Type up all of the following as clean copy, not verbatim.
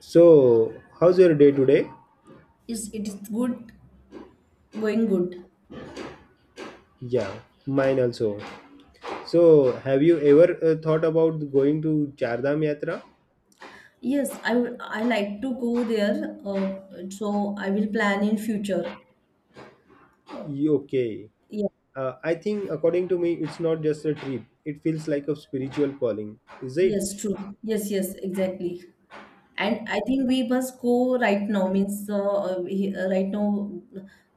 So, how's your day today? Is good going good? Yeah, mine also. So, have you ever thought about going to Chardham Yatra? Yes, I would. I like to go there. So I will plan in future. Uh, Okay. yeah. I think, according to me, it's not just a trip. It feels like a spiritual calling, is it? Yes. True. Yes. Yes. Exactly. And I think we must go right now. Means right now,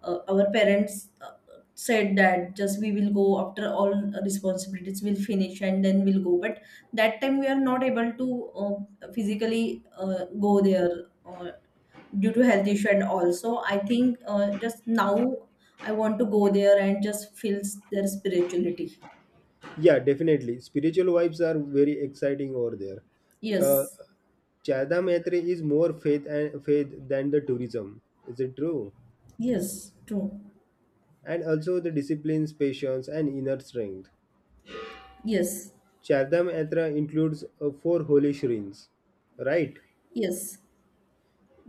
our parents said that just we will go after all responsibilities will finish and then we'll go. But that time we are not able to physically go there. Due to health issue and also I think just now I want to go there and just feel their spirituality. Yeah, definitely. Spiritual vibes are very exciting over there. Uh, Yes. Chardham Yatra is more faith and faith than the tourism. Is it true? Yes. True. And also the disciplines, patience, and inner strength. Yes. Chardham Yatra includes four holy shrines, right? Yes.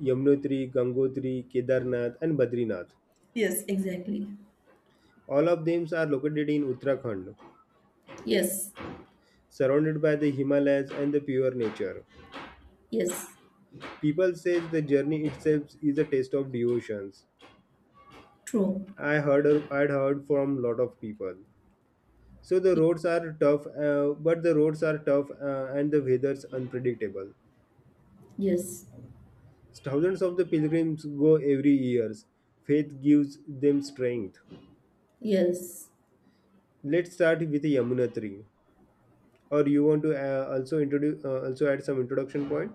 Yamnotri, Gangotri, Kedarnath, and Badrinath. Yes. Exactly. All of them are located in Uttarakhand, Yes. surrounded by the Himalayas and the pure nature. Yes. People say the journey itself is a taste of devotions. True. I heard I'd heard from lot of people. So the roads are tough, and the weather's unpredictable. Yes. Thousands of the pilgrims go every year. Faith gives them strength. Yes. Let's start with Yamunotri. Or you want to also introduce also add some introduction point?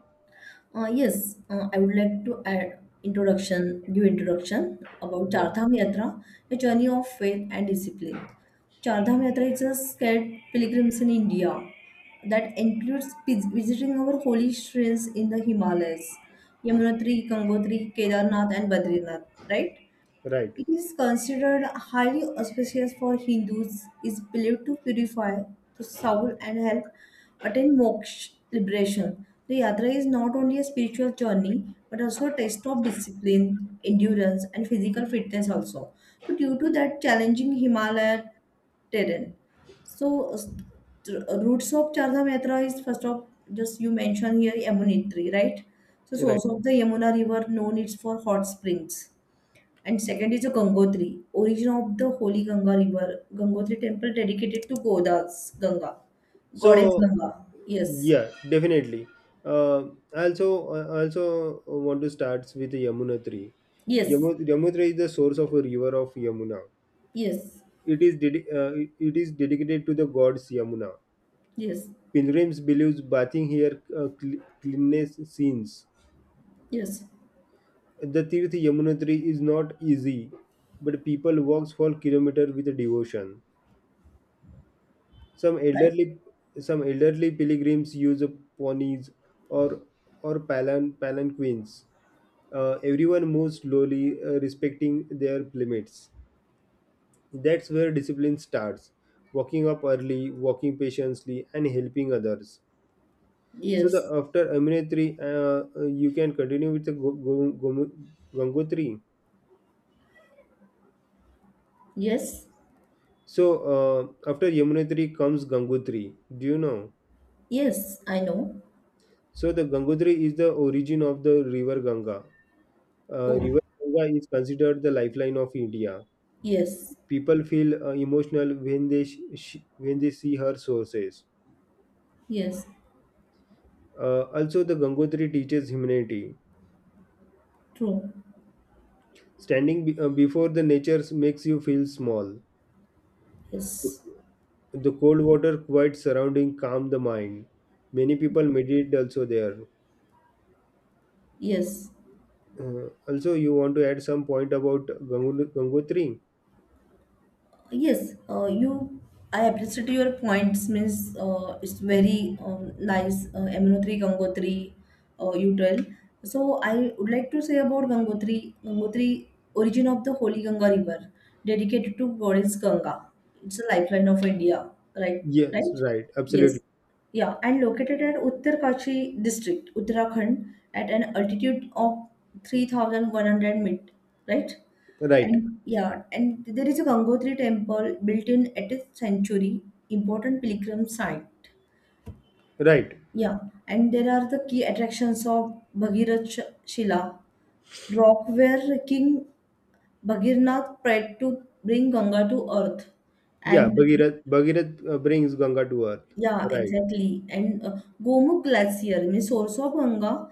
Yes, I would like to add introduction, give introduction about Yeah. Chardham Yatra, a journey of faith and discipline. Chardham Yatra is a scared pilgrims in India that includes visiting our holy shrines in the Himalayas, Yamunotri, Gangotri, Kedarnath, and Badrinath, right? Right. It is considered highly auspicious for Hindus, is believed to purify the soul and help attain moksha liberation. The yatra is not only a spiritual journey but also a test of discipline, endurance, and physical fitness also. So due to that challenging Himalaya terrain. So routes of Chardham Yatra is first of just you mentioned here Yamunitri, right? So Right. source of the Yamuna river known it's for hot springs. And second is the Gangotri, origin of the holy Ganga river. Gangotri temple dedicated to So goddess Ganga. Yes. yeah, definitely. Uh, also also want to start with the Yamunotri. Yes. Yamunotri is the source of a river of Yamuna. Yes. It it is dedicated to the gods Yamuna. Yes. Pilgrims believes bathing here cleanness sins. Yes. The Tirth Yamunotri is not easy, but people walk for kilometers with devotion. Some Right. elderly, some elderly pilgrims use ponies or palanquins. Everyone moves slowly, respecting their limits. That's where discipline starts. Walking up early, walking patiently, and helping others. So the Yes. after Aminatri, you can continue with the Gangotri. Yes. So after Yamunotri comes Gangotri. Do you know? Yes, I know. So the Gangotri is the origin of the river Ganga. Oh. River Ganga is considered the lifeline of India. Yes. People feel emotional when when they see her sources. Yes. Also, the Gangotri teaches humanity. True. Before the nature makes you feel small. Yes. The, cold water, quiet surrounding, calm the mind. Many people meditate also there. Yes. Also, you want to add some point about Gangotri? Yes, you. I appreciate your points. Means it's very nice. Aminotri Gangotri, you tell. So I would like to say about Gangotri. Gangotri, origin of the holy Ganga river, dedicated to goddess Ganga. It's a lifeline of India, right? Yes, Right? right, absolutely. Yes. Yeah, and located at Uttarkashi district, Uttarakhand, at an altitude of 3,100 feet, right? Right, And yeah, and there is a Gangotri temple built in 8th century, important pilgrim site. right. Yeah, and there are the key attractions of Bhagirath Shila, rock where King Bhagirnath prayed to bring Ganga to earth. Yeah, And Bhagirath brings Ganga to earth. yeah, Right, exactly. And Gomukh Glacier, means source of Ganga,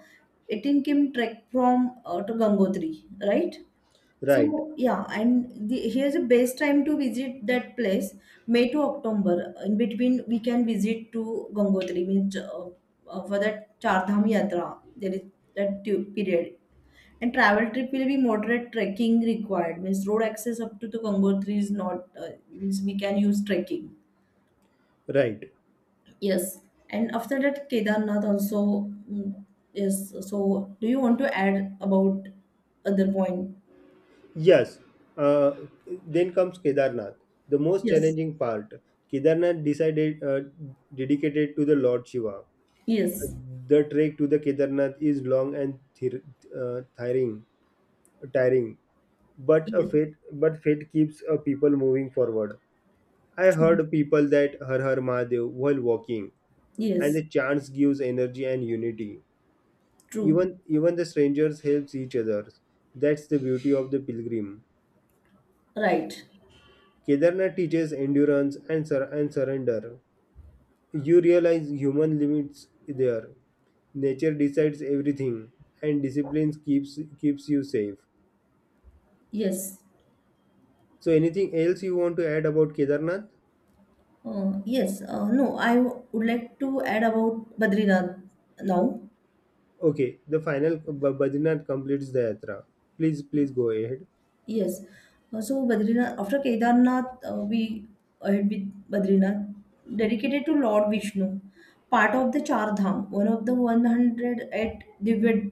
it in Kim trek from to Gangotri, right? right, So yeah, and the, here's the best time to visit that place, May to October. In between, we can visit to Gangotri, means for that Char Dham Yatra. There is that period. And travel trip will be moderate trekking required. Means road access up to the Gangotri is not. Means we can use trekking. right. Yes. And after that, Kedarnath also. Mm. Yes. So, do you want to add about other point? Yes. Uh, then comes Kedarnath, the most Yes. challenging part. Kedarnath decided dedicated to the Lord Shiva. Yes. The trek to the Kedarnath is long and uh, tiring, tiring. Yes. But fate keeps people moving forward. I heard people that Har Har Mahadev while walking, and the Yes, chants gives energy and unity. true. Even the strangers helps each other. That's the beauty of the pilgrim. Right. Kedarnath teaches endurance and surrender. You realize human limits there. Nature decides everything, and discipline keeps you safe. Yes. So, anything else you want to add about Kedarnath? Yes. No, I would like to add about Badrinath now. Okay, the final Badrinath completes the yatra. Please, please go ahead. Yes. So Badrinath, after Kedarnath, we ahead with Badrinath, dedicated to Lord Vishnu, part of the Char Dham, one of the 108 Divya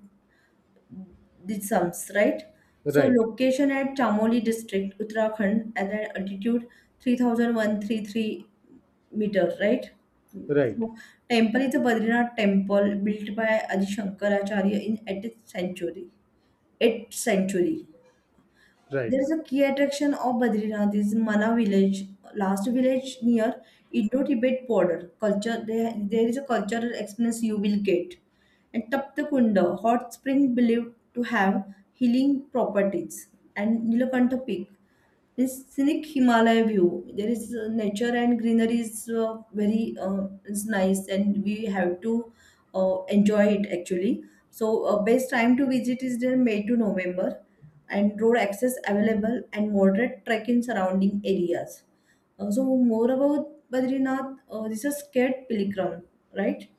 the sums, right? So Right, location at Chamoli district, Uttarakhand, at an altitude 3,133 meter, right? right. So temple is a Badrinath temple built by Adi Shankaracharya in 8th century. 8th century. Right. There's a key attraction of Badrinath is Mana village, last village near Indo-Tibet border. Culture there, there is a cultural experience you will get. And Taptakunda, hot spring believed to have healing properties. And Nilakanta Peak, this scenic Himalaya view. There is nature and greenery is very is nice, and we have to enjoy it actually. So best time to visit is there May to November, and road access available and moderate trek in surrounding areas. So more about Badrinath, this is a scared pilgrim, right?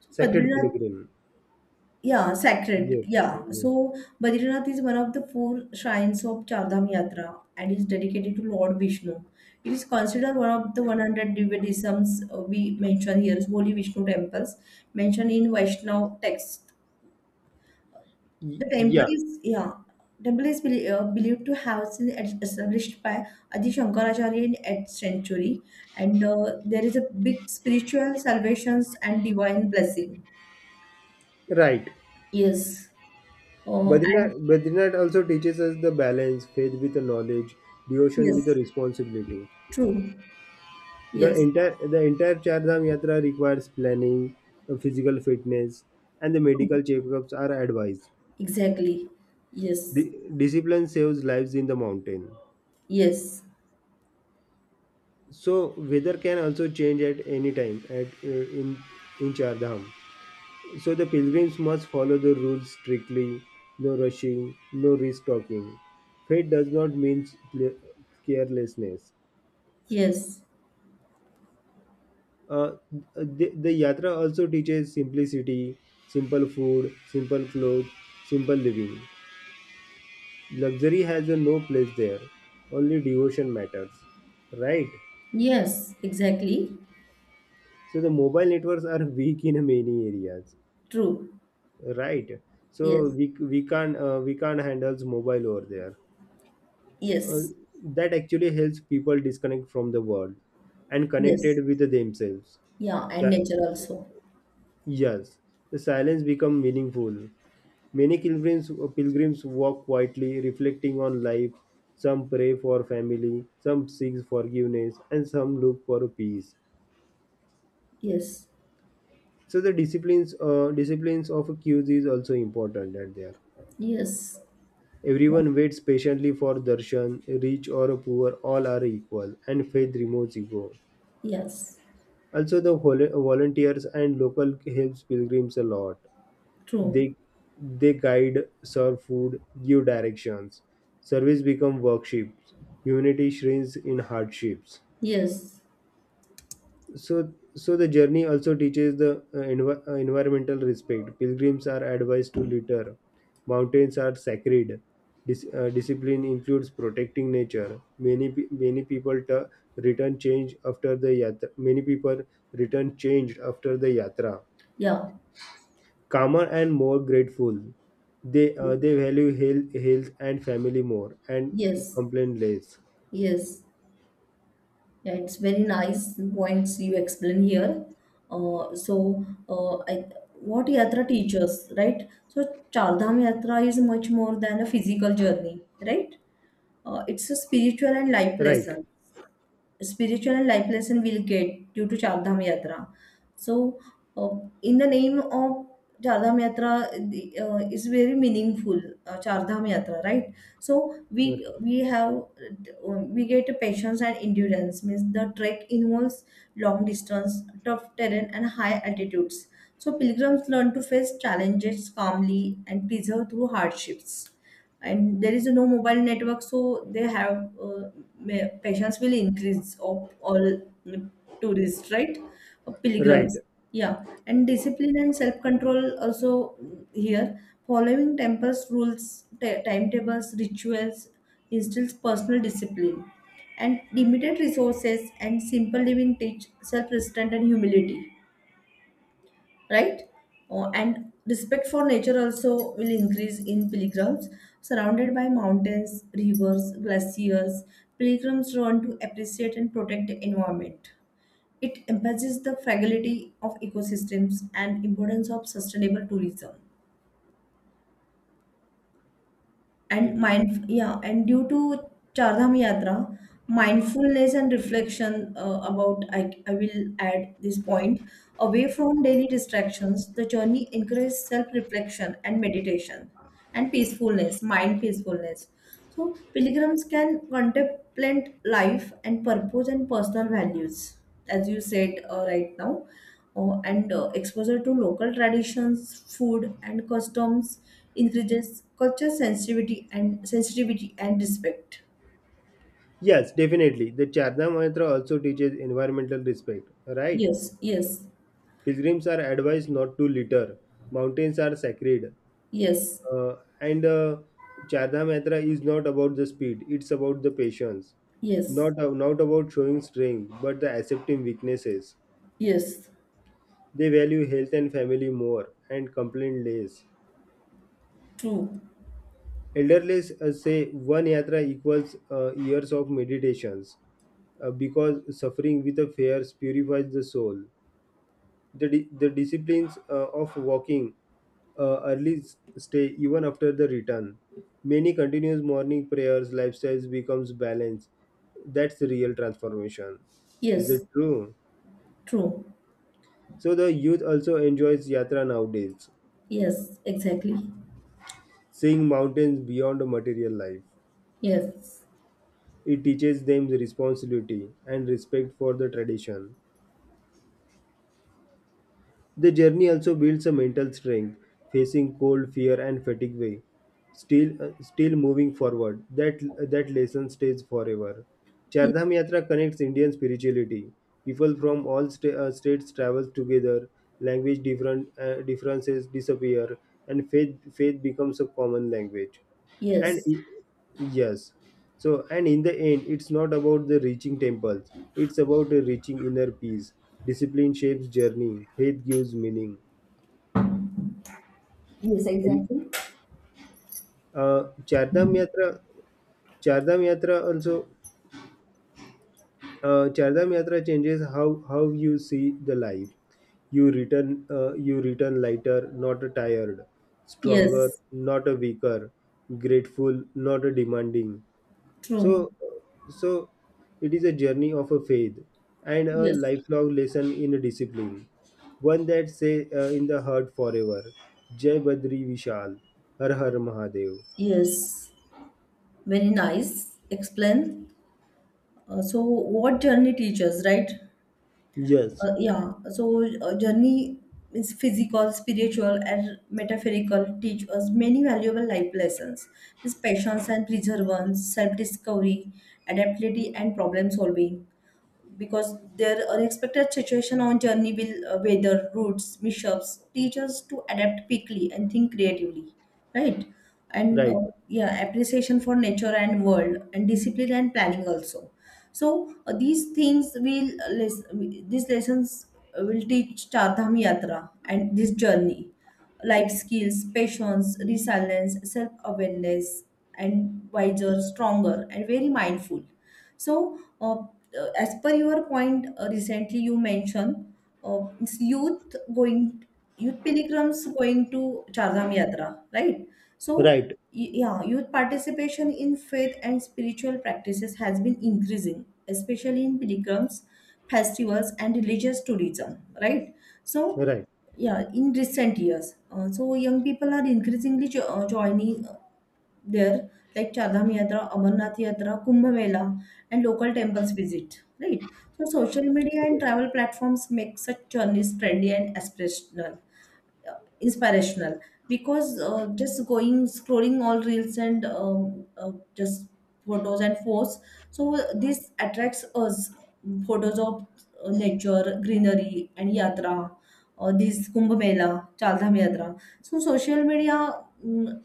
So Sacred Badrinath Pilgrim. yeah, sacred. Yes. Yeah. Yes. So Badrinath is one of the four shrines of Chardham Yatra and is dedicated to Lord Vishnu. It is considered one of the 100 Divyadisms we mention here, so, holy Vishnu temples mentioned in Vaishnav text. The temple Yeah, is yeah, temple is believed to have been established by Adi Shankaracharya in 8th century, and there is a big spiritual salvations and divine blessing. right. Yes. And Badrinath also teaches us the balance, faith with the knowledge, devotion with the yes. responsibility. True. Yes. The entire Char Dham Yatra requires planning, physical fitness, and the True. medical checkups are advised. Exactly. Yes. Discipline saves lives in the mountain. Yes. So weather can also change at any time at in Char Dham. So the pilgrims must follow the rules strictly, no rushing, no risk talking. Faith does not mean carelessness. Yes. Uh, the yatra also teaches simplicity, simple food, simple clothes, simple living. Luxury has a no place there, only devotion matters. Right? Yes. Exactly. So the mobile networks are weak in many areas. True. Right? So Yes. we, we can't handle mobile over there, uh, Yes. that actually helps people disconnect from the world and Yes. connected with themselves. Yeah. And Si- nature also. yes, the silence become meaningful. Pilgrims walk quietly, reflecting on life. Some pray for family, some seek forgiveness, and some look for peace. Yes. So the disciplines, disciplines of queues is also important at there. Yes. Yeah. Everyone waits patiently for darshan, rich or poor, all are equal, and faith removes ego. Yes. Also, the volunteers and local helps pilgrims a lot. True. They they guide, serve food, give directions. Service become workshops. Humanity shrinks in hardships. Yes. So the journey also teaches the environmental respect. Pilgrims are advised to litter. Mountains are sacred. Discipline includes protecting nature. Many pe- many people tu- return change after the yatra. Many people return changed after the yatra, Yeah. calmer and more grateful. They value health, health and family more and Yes. complain less. Yes. Yeah, it's very nice points you explain here. So, what yatra teaches, right? So, Chardham Yatra is much more than a physical journey, right? It's a spiritual and life Right, lesson spiritual life lesson we'll get due to Char Dham Yatra. So, uh, in the name of Char Dham Yatra, is very meaningful. Char Dham Yatra, right? So right, we have we get patience and endurance. Means the trek involves long distance, tough terrain, and high altitudes. So pilgrims learn to face challenges calmly and persevere through hardships, and there is no mobile network, so they have patients will increase of all mm, tourists, right. Right. Pilgrims, yeah, and discipline and self control also, here, following temples rules, timetables, rituals instills personal discipline, and limited resources and simple living teach self restraint and humility, right? Oh, and respect for nature also will increase in pilgrims. Surrounded by mountains, rivers, glaciers, pilgrims learn to appreciate and protect the environment. It emphasizes the fragility of ecosystems and importance of sustainable tourism. And Right. mind, yeah, and due to Char Dham yatra, mindfulness and reflection, about I will add this point. Away from daily distractions, the journey encourages self reflection and meditation, and peacefulness, mind peacefulness. So, pilgrims can contemplate life and purpose and personal values, as you said right now. And exposure to local traditions, food, and customs increases culture sensitivity and sensitivity and respect. Yes, definitely. The Charna Mantra also teaches environmental respect, right? Yes. Yes. Pilgrims are advised not to litter. Mountains are sacred. Yes. And Charna Mantra is not about the speed, it's about the patience. Yes. Not about showing strength, but the accepting weaknesses. Yes. They value health and family more and complain less. True. Elderly say one yatra equals years of meditations because suffering with a fears purifies the soul. The disciplines of walking stay even after the return. Many continuous morning prayers, lifestyles becomes balanced. That's the real transformation. Is it Yes. true? True. So the youth also enjoys yatra nowadays, Yes. Exactly. seeing mountains beyond the material life. Yes. It teaches them the responsibility and respect for the tradition. The journey also builds a mental strength, facing cold, fear, and fatigue way. Still, still moving forward. That lesson stays forever. Yes. Chardham Yatra connects Indian spirituality. People from states travel together. Language different differences disappear, and faith becomes a common language and Yes. Yes. So and in the end it's not about the reaching temples, it's about the reaching inner peace. Discipline shapes journey, faith gives meaning. Yes. And Exactly. uh, chardam yatra chardam yatra also chardam yatra changes how you see the life. You return lighter not tired, stronger Yes. not a weaker, grateful not a demanding. So, True. so it is a journey of a faith and a Yes. lifelong lesson in discipline, one that say in the heart forever. Jai Badri Vishal, Har Har Mahadev. Yes, very nice. Explain. So, what journey teaches, right? Yes, Yeah. So, journey is physical, spiritual, and metaphorical. Teach us many valuable life lessons: is patience and perseverance, self-discovery, adaptability, and problem solving, because their unexpected situation on journey will weather routes mishaps teach us to adapt quickly and think creatively, right. and right, uh, yeah, appreciation for nature and world and discipline and planning also. So these things will these lessons will teach chardham yatra and this journey life skills, patience, resilience, self awareness, and wiser, stronger, and very mindful. So, as per your point, recently you mentioned it's youth going, youth pilgrims going to Chardham Yatra, right? So, right, yeah, youth participation in faith and spiritual practices has been increasing, especially in pilgrims, festivals, and religious tourism, right? So, right, yeah, in recent years, so young people are increasingly joining there, like Chardham Yatra, Amarnath Yatra, Kumbh Mela, and local temples visit. Right. So social media and right, travel platforms make such journeys trendy and aspirational, uh, inspirational. Because just going scrolling all reels and just photos and posts, so this attracts us, photos of nature, greenery, and yatra. This Kumbh Mela, Chardham Yatra. So social media,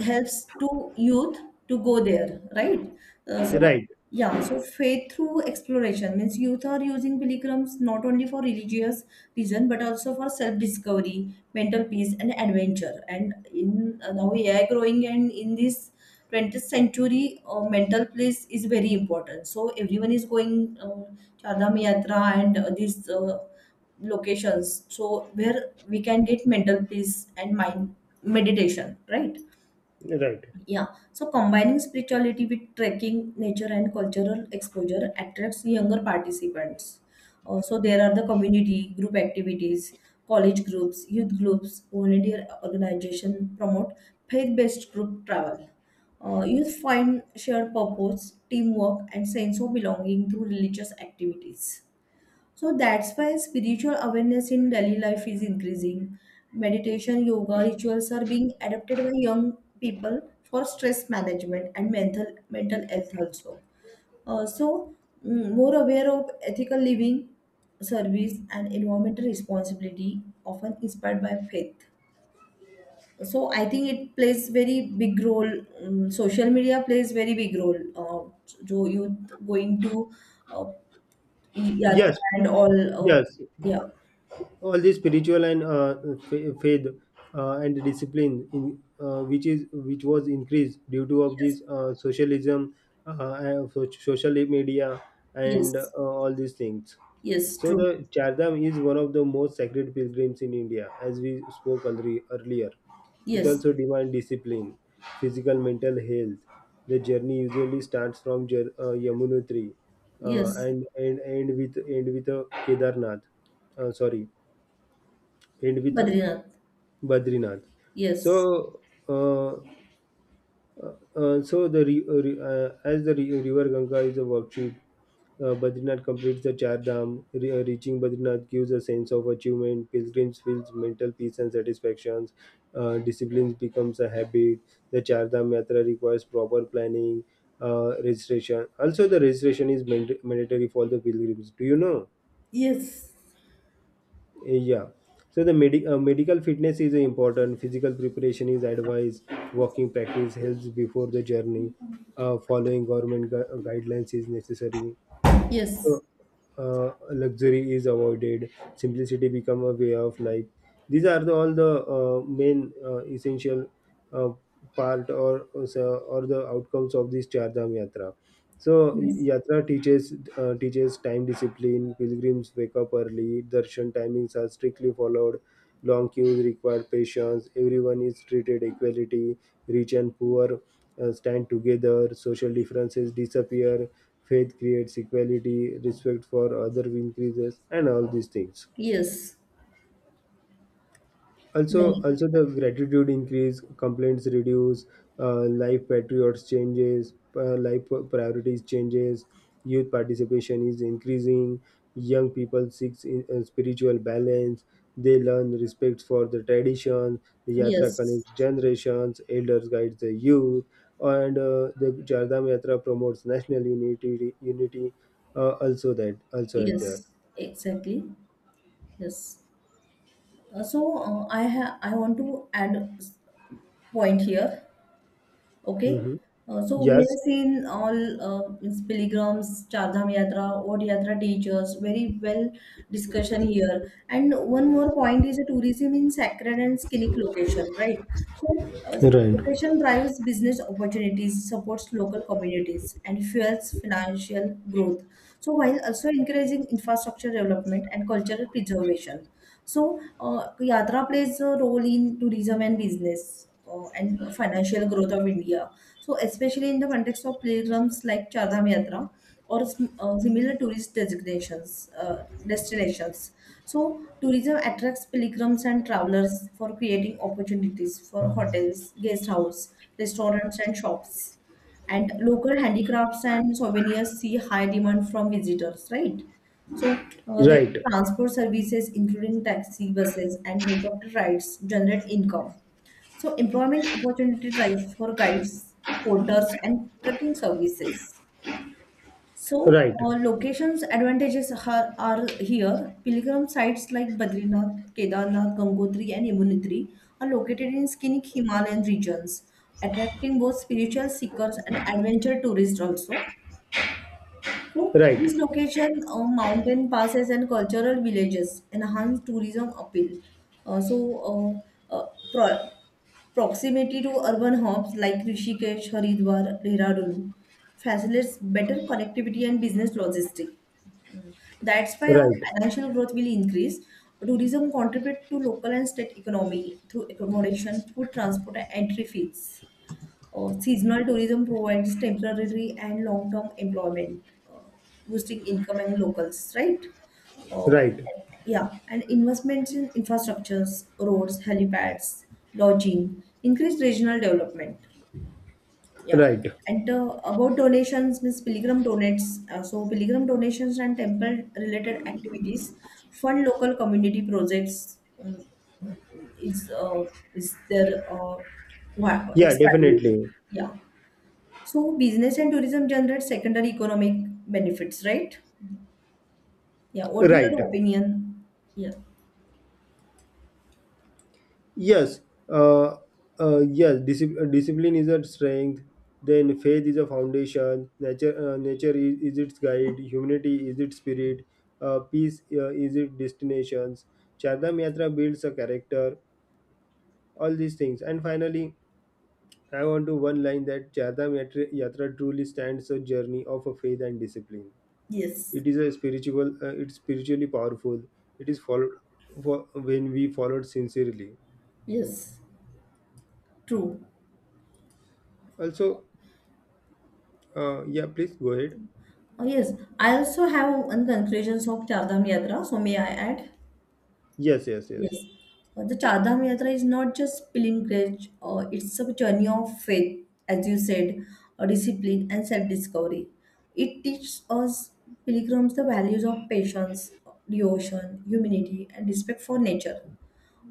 helps to youth to go there, right? So, right, yeah, so faith through exploration means youth are using pilgrims not only for religious reason but also for self-discovery, mental peace, and adventure. And in now AI growing and in this 20th century, mental peace is very important. So everyone is going Char Dham Yatra and these locations, so where we can get mental peace and mind meditation, right? right. Yeah. So combining spirituality with trekking, nature, and cultural exposure attracts younger participants. So there are the community group activities, college groups, youth groups, volunteer organization promote faith-based group travel. Youth find shared purpose, teamwork, and sense of belonging through religious activities. So that's why spiritual awareness in daily life is increasing. Meditation, yoga, rituals are being adopted by young people for stress management and mental health also. Uh, so More aware of ethical living, service, and environmental responsibility, often inspired by faith. So I think it plays very big role. Mm, social media plays very big role. Uh, so youth going to uh, Yes, yatra and all. Yes, Yeah. all these spiritual and faith and discipline in which was increased due to of Yes. this socialism social media and Yes. all these things. Yes, So true. the chardham is one of the most sacred pilgrims in india as we spoke earlier. It Yes. also demands discipline, physical, mental health. The journey usually starts from Yamunotri Yes. And end with a Kedarnath. Sorry, end with Badrinath. Badrinath. Yes. So, uh, so the re- re- as the re- river Ganga is a worksheet, Badrinath completes the Char Dham. Reaching Badrinath gives a sense of achievement. Pilgrims feels mental peace and satisfactions. Discipline becomes a habit. The Char Dham Yatra requires proper planning, registration. Also, the registration is mandatory for the pilgrims. Do you know? Yes. Yeah. So the medical fitness is important. Physical preparation is advised. Walking practice helps before the journey. Following government guidelines is necessary. Yes. So, luxury is avoided. Simplicity become a way of life. These are the, all the main essential uh, part or the outcomes of this Chardham Yatra. So Yes. yatra teaches time discipline. Pilgrims wake up early. Darshan timings are strictly followed. Long queues require patience. Everyone is treated equality. Rich and poor stand together. Social differences disappear. Faith creates equality. Respect for other increases, and all these things Yes. also Very. also the gratitude increase, complaints reduce. Life patriots changes, life priorities changes. Youth participation is increasing. Young people seeks in, spiritual balance. They learn respect for the tradition. The yatra Yes. connects generations, elders guides the youth. And the jardam yatra promotes national unity also that also at there. Yes. Exactly. Yes. So I have I want to add point here. Okay, Hmm. So we Yes, have seen all, means pilgrims, Char Dham Yatra, Od Yatra teachers, very well discussion here. And one more point is a tourism in sacred and scenic location, right? So right, location drives business opportunities, supports local communities, and fuels financial growth. So while also encouraging infrastructure development and cultural preservation. So, Yatra plays a role in tourism and business, and financial growth of India. So, especially in the context of pilgrims like Chardham Yatra or similar tourist destinations. So, tourism attracts pilgrims and travelers for creating opportunities for hotels, guest house, restaurants, and shops. And local handicrafts and souvenirs see high demand from visitors, right? So the right, transport services, including taxi, buses, and helicopter rides, generate income. So employment opportunities rise for guides, porters, and trekking services. So right. uh, locations advantages are here. Pilgrim sites like Badrinath, Kedarnath, Gangotri, and Yamunotri are located in scenic Himalayan regions, attracting both spiritual seekers and adventure tourists also. So, Right, these locations, mountain passes, and cultural villages enhance tourism appeal. Uh, so, uh, uh, pro- Proximity to urban hubs like Rishikesh, Haridwar, Dehradun facilitates better connectivity and business logistics. Mm. That's why our right, financial growth will increase. Tourism contribute to local and state economy through accommodation, food transport, and entry fees. Seasonal tourism provides temporary and long-term employment, uh, boosting income and locals, right? Uh, right, yeah, and investments in infrastructures, roads, helipads, lodging, increased regional development. Yeah. right. And about donations, means pilgrim donates. So pilgrim donations and temple-related activities fund local community projects. um, is uh, is their uh, Yeah, Expanding. definitely. Yeah. So business and tourism generate secondary economic benefits, right? Yeah, what is Right. your opinion? Yeah. Yes. Uh, discipline is a strength. Then faith is a foundation. Nature is its guide. Humanity is its spirit. Peace is its destinations. Chardham Yatra builds a character. All these things. And finally, I want to one line that Chardham Yatra, Yatra truly stands a journey of a faith and discipline. Yes. It is a spiritual it's spiritually powerful, it is followed for when we followed sincerely. Yes. True. Also yeah, please go ahead. Oh, yes. I also have on conclusions of Char Dham Yatra. So may I add? Yes, yes, yes, Yes. The Char Dham Yatra is not just pilgrimage. It's a journey of faith, as you said, discipline and self-discovery. It teaches us pilgrims the values of patience, devotion, humility, and respect for nature.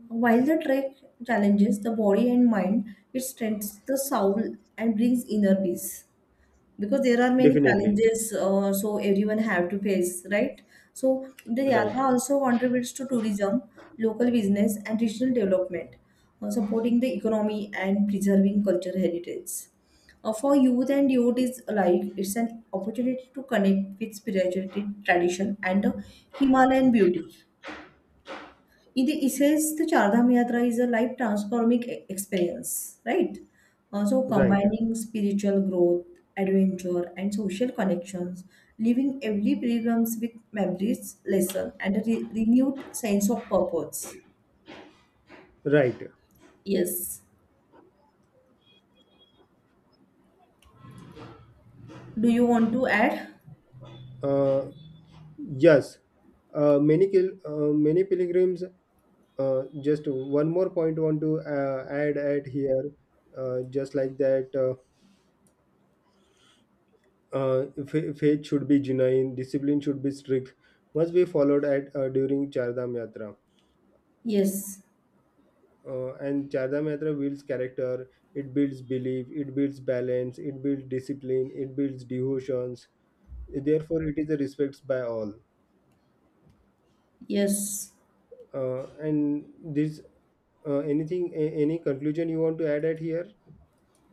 While the trek challenges the body and mind, it strengthens the soul and brings inner peace. Because there are many definitely, challenges, so everyone have to face, right? So the right, yatra also contributes to tourism, local business, and regional development, supporting the economy and preserving cultural heritage. For youth and devotees alike, it's an opportunity to connect with spirituality, tradition, and the Himalayan beauty it says the Char Dham Yatra is a life transforming experience, right? Also right, combining spiritual growth, adventure, and social connections, leaving every pilgrims with memories, lesson, and a renewed sense of purpose. right. Yes. Do you want to add? uh, yes. Many pilgrims, just one more point want to add at here, just like that fa- faith should be genuine, discipline should be strict, must be followed at during chardham yatra. Yes. And Chada Mehta builds character, it builds belief, it builds balance, it builds discipline, it builds devotions. Therefore, it is a respect by all. Yes. Uh, and this, anything, any conclusion you want to add at here?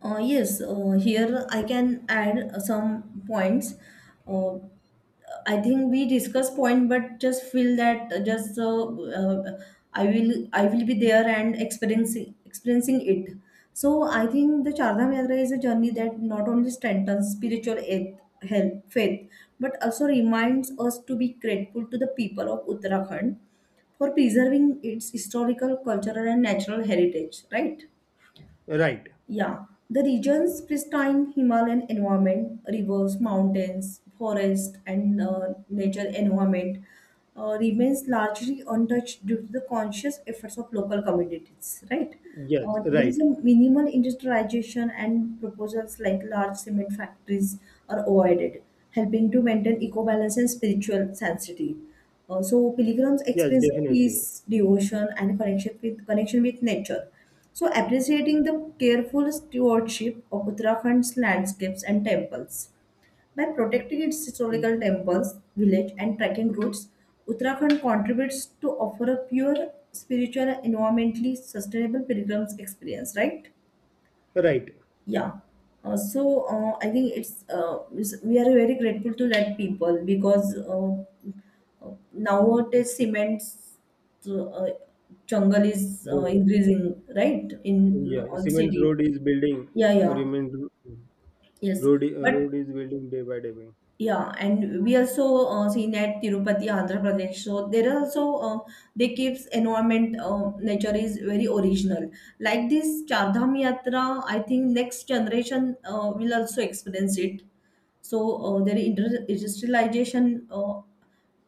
Yes. Here I can add some points. Uh, I think we discuss point, but just feel that just uh, I will be there and experiencing it. So I think the Chardham Yatra is a journey that not only strengthens spiritual health, faith, but also reminds us to be grateful to the people of Uttarakhand for preserving its historical, cultural, and natural heritage. Right? Right. Yeah, the region's pristine Himalayan environment, rivers, mountains, forest, and nature environment remains largely untouched due to the conscious efforts of local communities, right? Yes. There Right. is a minimal industrialization and proposals like large cement factories are avoided, helping to maintain eco-balance and spiritual sensitivity. So pilgrims Yes. experience of Definitely. peace, devotion, and connection with nature so, appreciating the careful stewardship of Uttarakhand's landscapes and temples. By protecting its historical temples, village, and trekking routes, Uttarakhand contributes to offer a pure, spiritual, and environmentally sustainable pilgrim's experience, right? Right. Yeah. I think we are very grateful to that people because nowadays cement uh, uh, jungle is Road. increasing, right? In Yeah. on Siemens city. Road is building. Yeah, Uh, yeah, remain. yes. Road. But Road is building day by day. yeah, and we also seen at Tirupati, Andhra Pradesh. So there are also they keeps environment nature is very original. Like this Chardham Yatra, I think next generation will also experience it so industrialization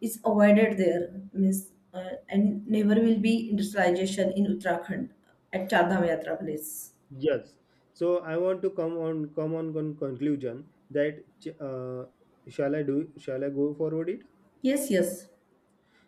is avoided there means and never will be industrialization in uttarakhand at chardham yatra place. Yes. So I want to come on conclusion that shall I do, shall I go forward it? Yes, yes.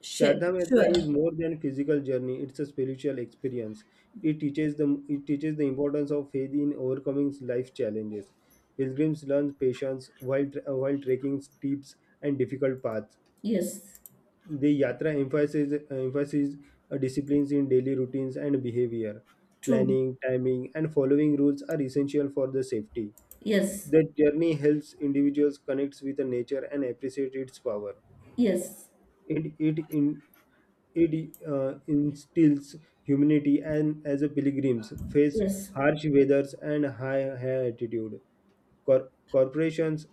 Chardham Yatra Sure. is more than physical journey; it's a spiritual experience. It teaches the importance of faith in overcoming life challenges. Pilgrims learn patience while while trekking steep and difficult paths. Yes, The yatra emphasizes emphasizes disciplines in daily routines and behavior. true. Planning, timing, and following rules are essential for the safety. Yes, That journey helps individuals connect with nature and appreciate its power. yes, It it in it instills humanity and as a pilgrims face yes, harsh weathers and high altitude. Corporations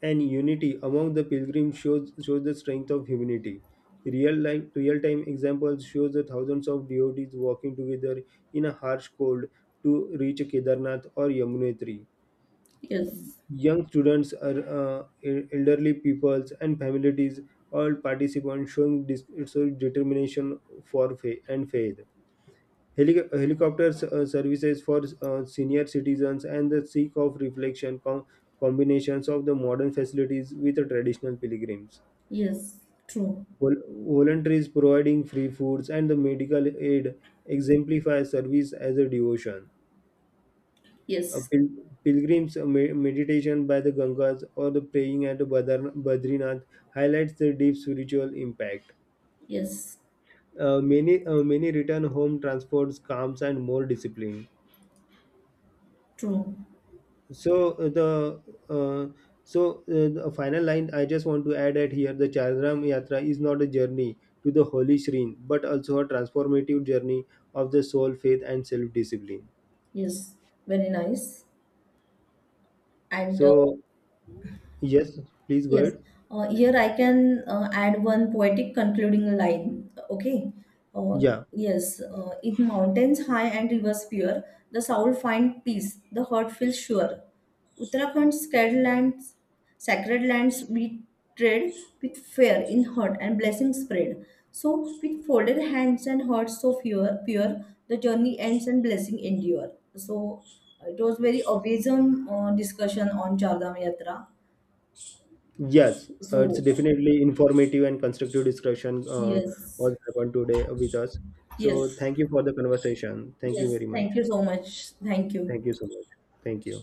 and unity among the pilgrims shows the strength of humanity. Real life real time examples shows the thousands of devotees walking together in a harsh cold to reach Kedarnath or Yamunotri. yes, Young students, elderly peoples, and families, all participants showing so determination for and faith. Helicopter services for senior citizens and the seek of reflection combinations of the modern facilities with the traditional pilgrims. yes, true. Voluntaries providing free foods and the medical aid exemplify service as a devotion. uh, Yes, pil- pilgrims' meditation by the Gangas or the praying at the Badrinath highlights the deep spiritual impact. yes, Many return home transports calms and more discipline. true. So uh, the uh, so the final line I just want to add at here the Chardram Yatra is not a journey to the holy shrine but also a transformative journey of the soul, faith, and self discipline. Yes, very nice. And So yes, please go yes. ahead. Here I can add one poetic concluding line. Okay. Uh, Yeah. yes. In mountains high and rivers pure, the soul finds peace, the heart feels sure. Uttarakhand's sacred lands we tread with fear in heart and blessings spread. So, with folded hands and hearts so pure, pure the journey ends and blessing endure. So, it was very awesome discussion on Chardham Yatra. Yes, it's So, definitely informative and constructive discussion yes, what happened today with us. So yes, thank you for the conversation. Thank you yes. very much. Thank you so much. Thank you. Thank you so much. Thank you.